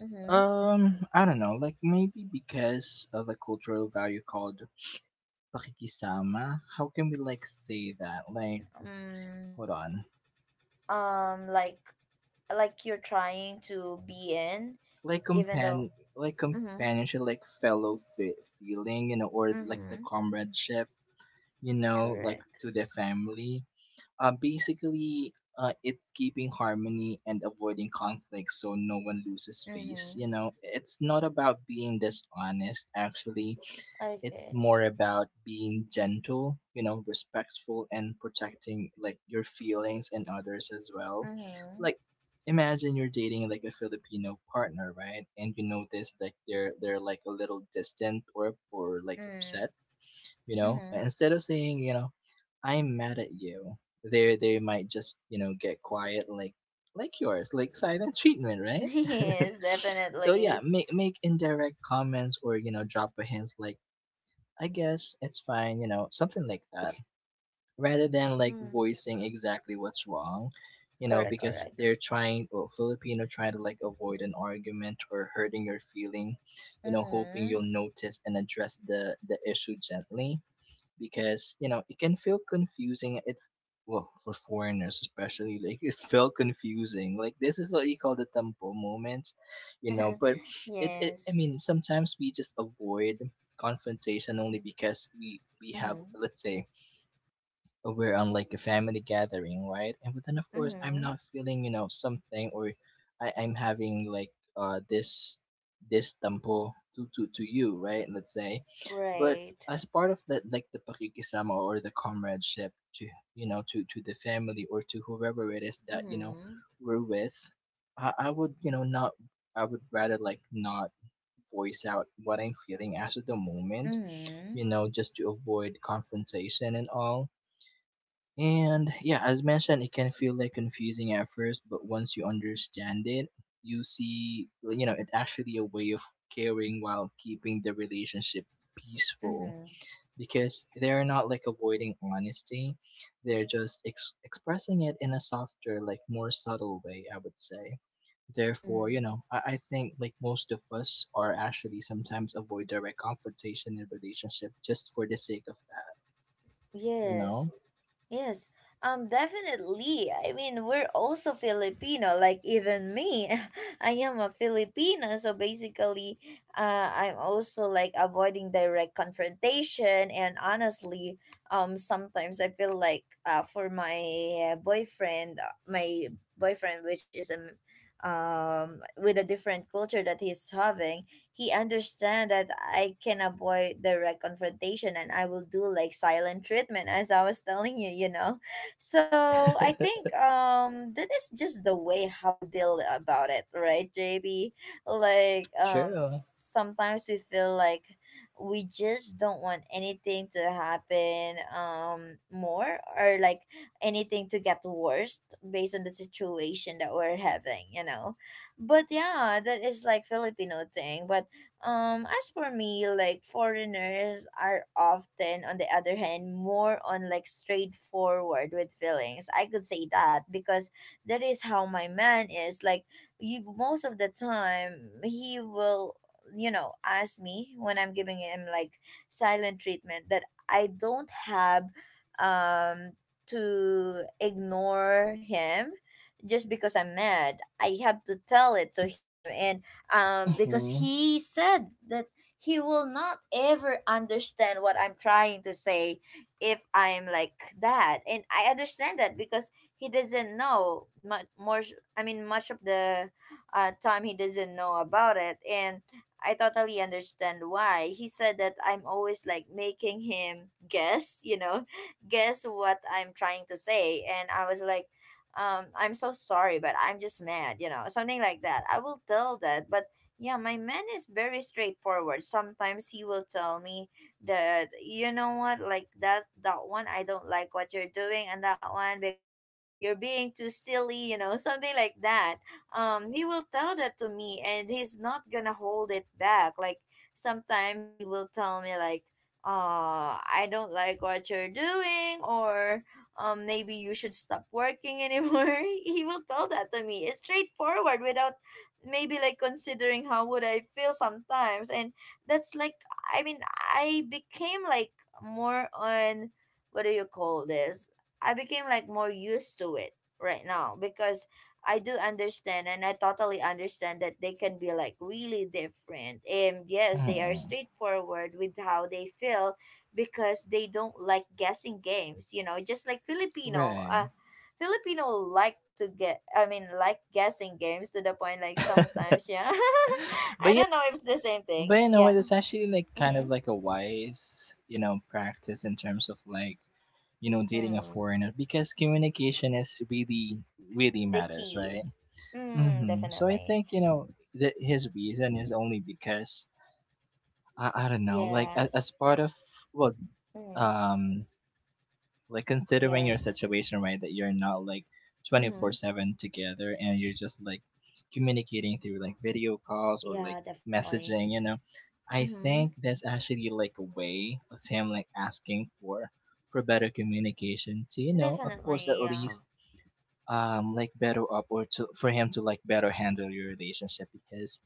Mm-hmm. I don't know. Like maybe because of the cultural value called pakikisama. How can we like say that? Like, Mm, hold on. um, like like you're trying to be in, Like even though. Like Mm-hmm. companionship, like feeling, you know, or like the Mm-hmm. comradeship, you know, like Correct. to the family. Basically, it's keeping harmony and avoiding conflict so no one loses face. Mm-hmm. You know, it's not about being dishonest, actually. It's Okay. more about being gentle, you know, respectful, and protecting, like, your feelings and others as well. Mm-hmm. Like, imagine you're dating, like, a Filipino partner, right? And you notice that they're like a little distant or, like, mm hmm correct. Mm hmm okay. mm upset. hmm You know, Mm-hmm. instead of saying, you know, I'm mad at you, they might just, you know, get quiet, like yours, like silent treatment, right? Yes, So yeah, definitely. make indirect comments, or you know, drop a hint like, I guess it's fine, you know, something like that, rather than like Mm, voicing exactly what's wrong. You know, correct, because correct. they're trying, or Filipino trying to, like, avoid an argument or hurting your feeling, you know, hoping Mm-hmm. you'll notice and address the issue gently. Because you know it can feel confusing. It, well, for foreigners especially, like, it felt confusing. Like this is what you call the tempo moment, you know. But it I Yes. mean sometimes we just avoid confrontation only because we have, Mm-hmm. let's say, we're on like a family gathering, right? And but then of course I'm Mm-hmm. not feeling, you know, something, or I'm having like this this tempo to, to you, right? Let's say. But Right. as part of that, like the pakikisama or the comradeship to, you know, to the family or to whoever it is that you know Mm-hmm. we're with, I would, you know, not, I would rather like not voice out what I'm feeling as of the moment, Mm-hmm. you know, just to avoid confrontation and all. And yeah, as mentioned, it can feel like confusing at first, but once you understand it, you see, like, you know, it's actually a way of caring while keeping the relationship peaceful, Mm-hmm. because they're not like avoiding honesty, they're just expressing it in a softer, like more subtle way, I would say. Therefore, Mm. you know, I think like most of us are actually sometimes avoid direct confrontation in relationship just for the sake of that, you Yes. know? Yes, definitely. I mean, we're also Filipino, like even me. I am a Filipino, so basically, I'm also like avoiding direct confrontation. And honestly, sometimes I feel like for my boyfriend, my boyfriend, which is a, with a different culture that he's having, he understand that I can avoid direct confrontation, and I will do like silent treatment as I was telling you, you know. So I think that is just the way how we deal about it, right, JB? Like True. sometimes we feel like we just don't want anything to happen more or like anything to get worse based on the situation that we're having, you know. But yeah, that is like Filipino thing. But as for me, like foreigners are often on the other hand more on like straightforward with feelings, I could say that because that is how my man is like. You most of the time, he will you know ask me when I'm giving him like silent treatment that I don't have um to ignore him just because I'm mad, I have to tell it to him. And because Mhm. he said that he will not ever understand what I'm trying to say if I'm like that. And I understand that because he doesn't know much more. I mean, much of the time he doesn't know about it. And I totally understand why. He said that I'm always like making him guess, you know, guess what I'm trying to say. And I was like, I'm so sorry, but I'm just mad, you know, something like that I will tell that. But yeah, my man is very straightforward. Sometimes he will tell me that you know what, like that one I don't like what you're doing, and that one because you're being too silly, you know. Something like that, he will tell that to me, and he's not gonna hold it back. Like sometimes he will tell me like I don't like what you're doing, or maybe you should stop working anymore. He will tell that to me. It's straightforward without maybe like considering how would I feel sometimes. And that's like, I mean, I became like more on, what do you call this, I became like more used to it right now because I do understand, and I totally understand that they can be like really different. And yes, they are Mhm. straightforward with how they feel because they don't like guessing games, you know, just like Filipino, Right. Filipino like to get, I mean, like guessing games, to the point like sometimes, yeah. I But yeah, don't know if it's the same thing, but you know what? yeah. It's actually like kind Mm-hmm. of like a wise, you know, practice in terms of like, you know, dating a Mm. foreigner because communication is really really The matters, key. right? Mm, Hmm. So I definitely. think, you know, that his reason is only because I don't know, like, as Yes. part of, well, Mm. um, like considering your Yes. situation, right, that you're not like Mm-hmm. 24/7 together and you're just like communicating through like video calls or Yeah, like definitely. messaging, you know. I Mm-hmm. think that's actually like a way of him like asking for better communication to, you know, of course Definitely, at yeah. least like better up or to, for him to like better handle your relationship, because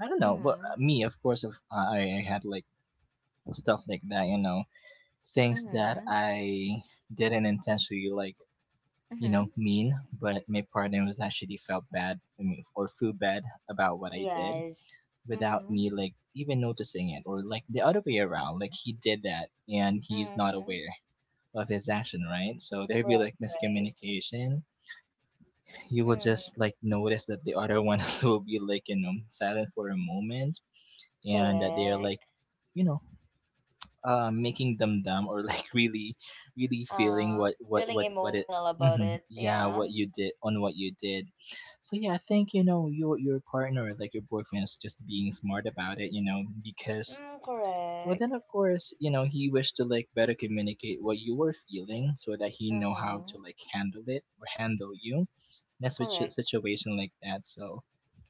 I don't know. Well, Mm-hmm. me, of course, if I had like stuff like that, you know, things that Mm-hmm. I didn't intentionally like, you Mm-hmm. know, mean, but my partner was actually felt bad, I mean, or feel bad about what I did Yes. without Mm-hmm. me like even noticing it, or like the other way around, like he did that and he's not Mm-hmm. aware of his action, right? So there'd be Right, like right. miscommunication. You will Mm, just like notice that the other one will be like, you know, silent for a moment and that they're like, correct. you know, making them dumb or like really really feeling Uh, what feeling it emotional about Mhm. it. Yeah, Yeah. what you did, on what you did. So yeah, I think, you know, your partner, like your boyfriend, is just being smart about it, you know, because Mm, well, then correct. of course, you know, he wished to like better communicate what you were feeling, so that he know how Mm-hmm. to like handle it or handle you in a Correct. situation like that, so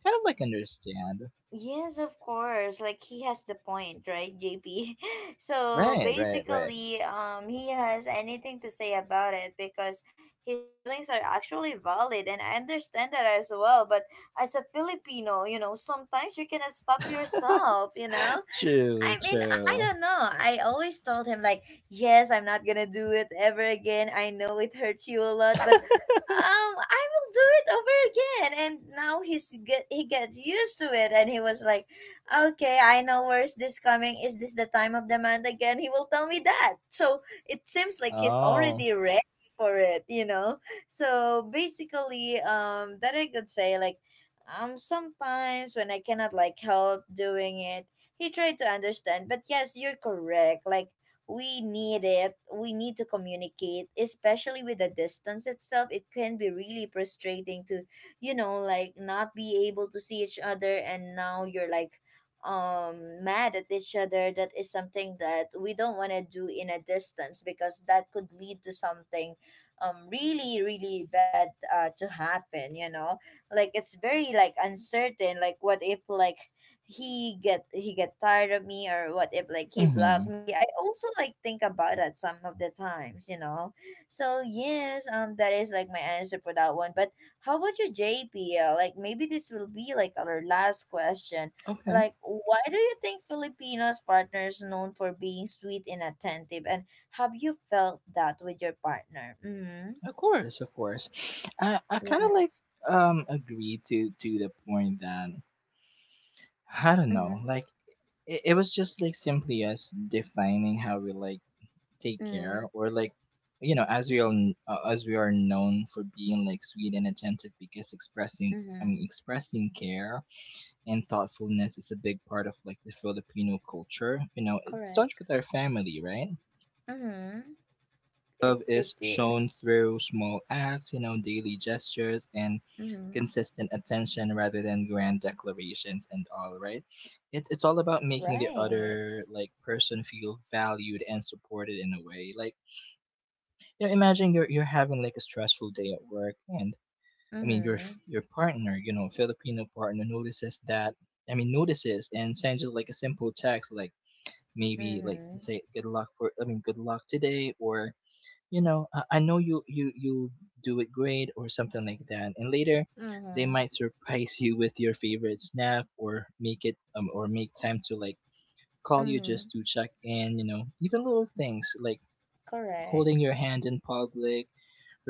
kind of like understand Yes, of course. Like he has the point, right, JP? So right right right basically, he has anything to say about it because his feelings are actually valid, and I understand that as well. But as a Filipino, you know, sometimes you cannot stop yourself. You know, true I mean, I true don't know. I always told him like, yes, I'm not gonna do it ever again. I know it hurts you a lot, but I will do it over again. And now he got used to it, and he was like, okay, I know where's this coming. Is this the time of the month again? He will tell me that. So it seems like he's oh already ready for it, you know. So basically, that I could say like. Sometimes when I cannot like help doing it, he tried to understand. But yes, you're correct. Like we need it. We need to communicate, especially with the distance itself. It can be really frustrating to, you know, like not be able to see each other, and now you're like mad at each other. That is something that we don't want to do in a distance because that could lead to something really really bad to happen, you know. Like it's very like uncertain, like what if like he get tired of me, or what if like he blocked mhm. me. I also like think about that some of the times, you know. So yes, that is like my answer for that one. But how about you, JPL? Like maybe this will be like our last question, Okay, like why do you think Filipinos partners known for being sweet and attentive, and have you felt that with your partner? Mm-hmm. of course, of course. I kind of like Yes. Agree to the point that I don't know, Mm-hmm. like it was just like simply us defining how we like take Mm-hmm. care or like, you know, as we all as we are known for being like sweet and attentive, because expressing, I mean Mm-hmm. expressing care and thoughtfulness is a big part of like the Filipino culture. You know, it starts Correct. with our family, right? Mm-hmm. it Love it is shown is. through small acts, you know, daily gestures and Mm-hmm. consistent attention rather than grand declarations and all, right? It, it's all about making the Right. other like person feel valued and supported in a way. Like, you know, imagine you're having like a stressful day at work and I mean your Mhm. your partner, you know, Filipino partner notices that, I mean notices and sends you like a simple text like, maybe like Mhm. say good luck for, I mean, good luck today, or you know, I know you do it great or something like that, and later they Mhm. might surprise you with your favorite snack or make it or make time to like call you just Mhm. to check in, you know. Even little things like holding Correct. your hand in public,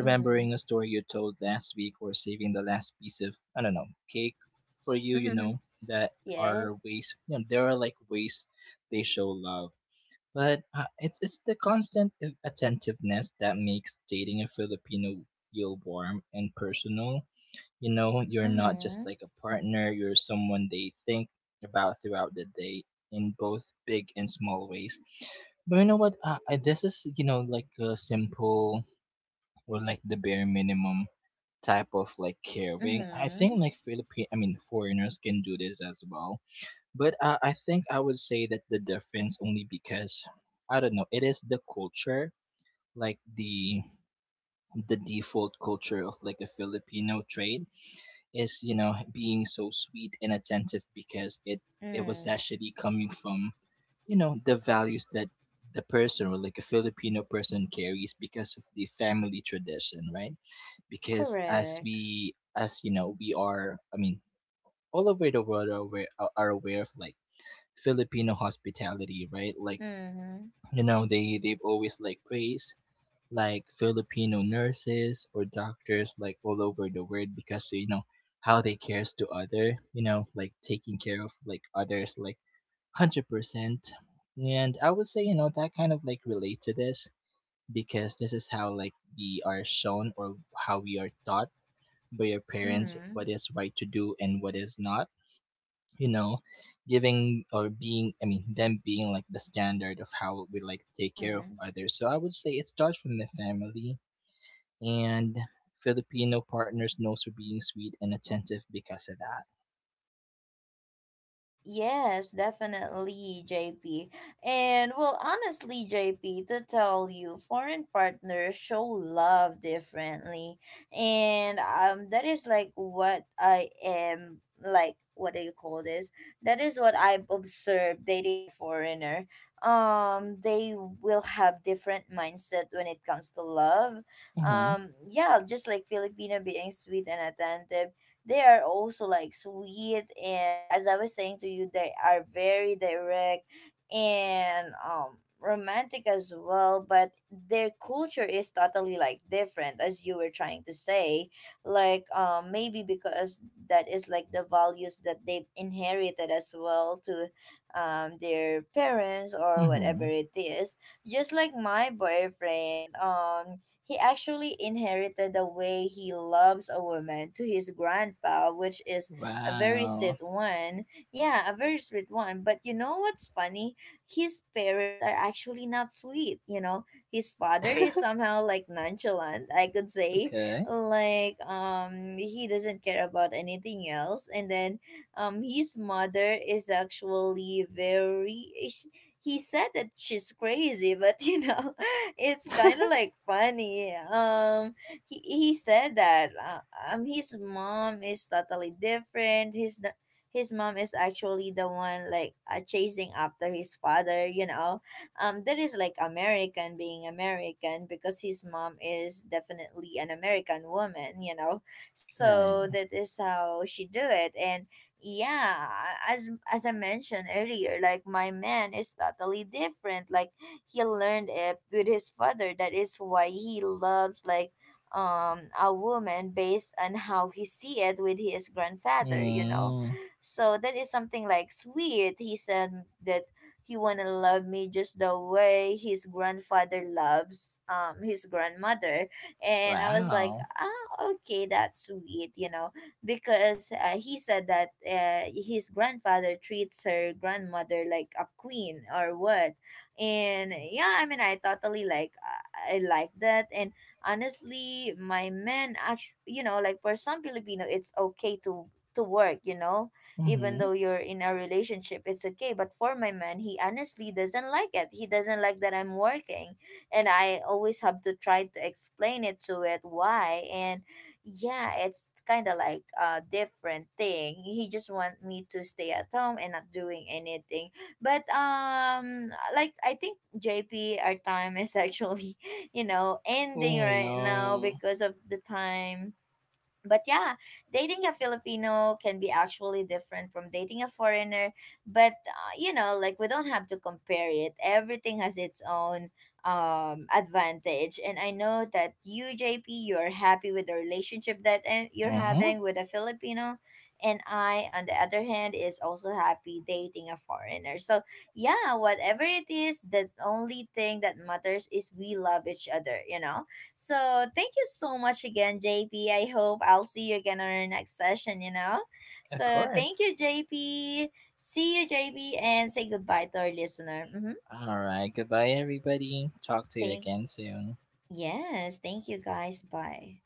Mhm. a story you told last week or saving the last piece of, I don't know, cake for you, you know, that Yes. are ways, you know, there are like ways they show love. But it's the constant attentiveness that makes dating a Filipino feel warm and personal. You know, you're not just Mhm. like a partner, you're someone they think about throughout the day in both big and small ways. But you know what? This is, you know, like a simple or like the bare minimum type of like caring. I think Mhm. like Philippine, I mean, foreigners can do this as well. But I think I would say that the difference only because I don't know. It is the culture, like the default culture of like a Filipino trade is, you know, being so sweet and attentive, because it was Mm. actually coming from, you know, the values that the person or like a Filipino person carries because of the family tradition, right? Because as Correct. we, as you know, we are, I mean, all over the world are aware of like Filipino hospitality, right? Like Mhm. you know, they they've always like praised like Filipino nurses or doctors like all over the world because you know how they cares to other, you know, like taking care of like others like 100%. And I would say, you know, that kind of like relate to this, because this is how Mhm. like we are shown or how we are taught by your parents Mhm. what is right to do and what is not, you know, giving or being, I mean them being like the standard of how we like take care of Mhm. others, so I would say it starts from the family, and Filipino partners knows for being sweet and attentive because of that Yes, definitely, JP. And well, honestly, JP, to tell you, foreign partners show love differently. And that is like what I am like, what do you call this? That is what I've observed dating a foreigner. They will have different mindset when it comes to love. mm-hmm. Yeah, just like Filipino being sweet and attentive, they are also like sweet, and as I was saying to you, they are very direct and romantic as well, but their culture is totally like different as you were trying to say. Like maybe because that is like the values that they've inherited as well to their parents or whatever Mm-hmm. it is. Just like my boyfriend, he actually inherited the way he loves a woman to his grandpa, which is a very sweet Wow. one. Yeah, a very sweet one. But you know what's funny? His parents are actually not sweet, you know? His father is somehow like nonchalant, I could say. Okay. Like he doesn't care about anything else, and then his mother is actually very, he said that she's crazy, but you know, it's kind of like funny. He said that his mom is totally different. His mom is actually the one like chasing after his father. You know, that is like American being American because his mom is definitely an American woman. You know, so Right. that is how she do it. And yeah, as I mentioned earlier, like my man is totally different. Like he learned it with his father, that is why he loves like a woman based on how he see it with his grandfather, you know. Mm. So that is something like sweet. He said that he wanna love me just the way his grandfather loves his grandmother. And I was like, Wow. ah, okay, that's sweet, you know, because he said that his grandfather treats her grandmother like a queen or what. And yeah, I mean, I totally like I like that. And honestly, my man, actually, you know, like for some Filipino, it's okay to work. You know, even Mm-hmm. though you're in a relationship, it's okay. But for my man, he honestly doesn't like it. He doesn't like that I'm working, and I always have to try to explain it to it why. And yeah, it's kind of like a different thing. He just want me to stay at home and not doing anything. But like I think, JP, our time is actually, you know, ending Oh right now no. because of the time. But yeah, dating a Filipino can be actually different from dating a foreigner. But you know, like we don't have to compare it. Everything has its own advantage, and I know that you, JP, you're happy with the relationship that you're Mm-hmm. having with a Filipino, and I, on the other hand, is also happy dating a foreigner. So yeah, whatever it is, the only thing that matters is we love each other. You know, so thank you so much again, JP. I hope I'll see you again on our next session, you know? Of So thank course. you, JP. See you, JP, and say goodbye to our listener. Mm-hmm. All right, goodbye everybody, talk to you Thank again soon. yes, thank you guys. Bye.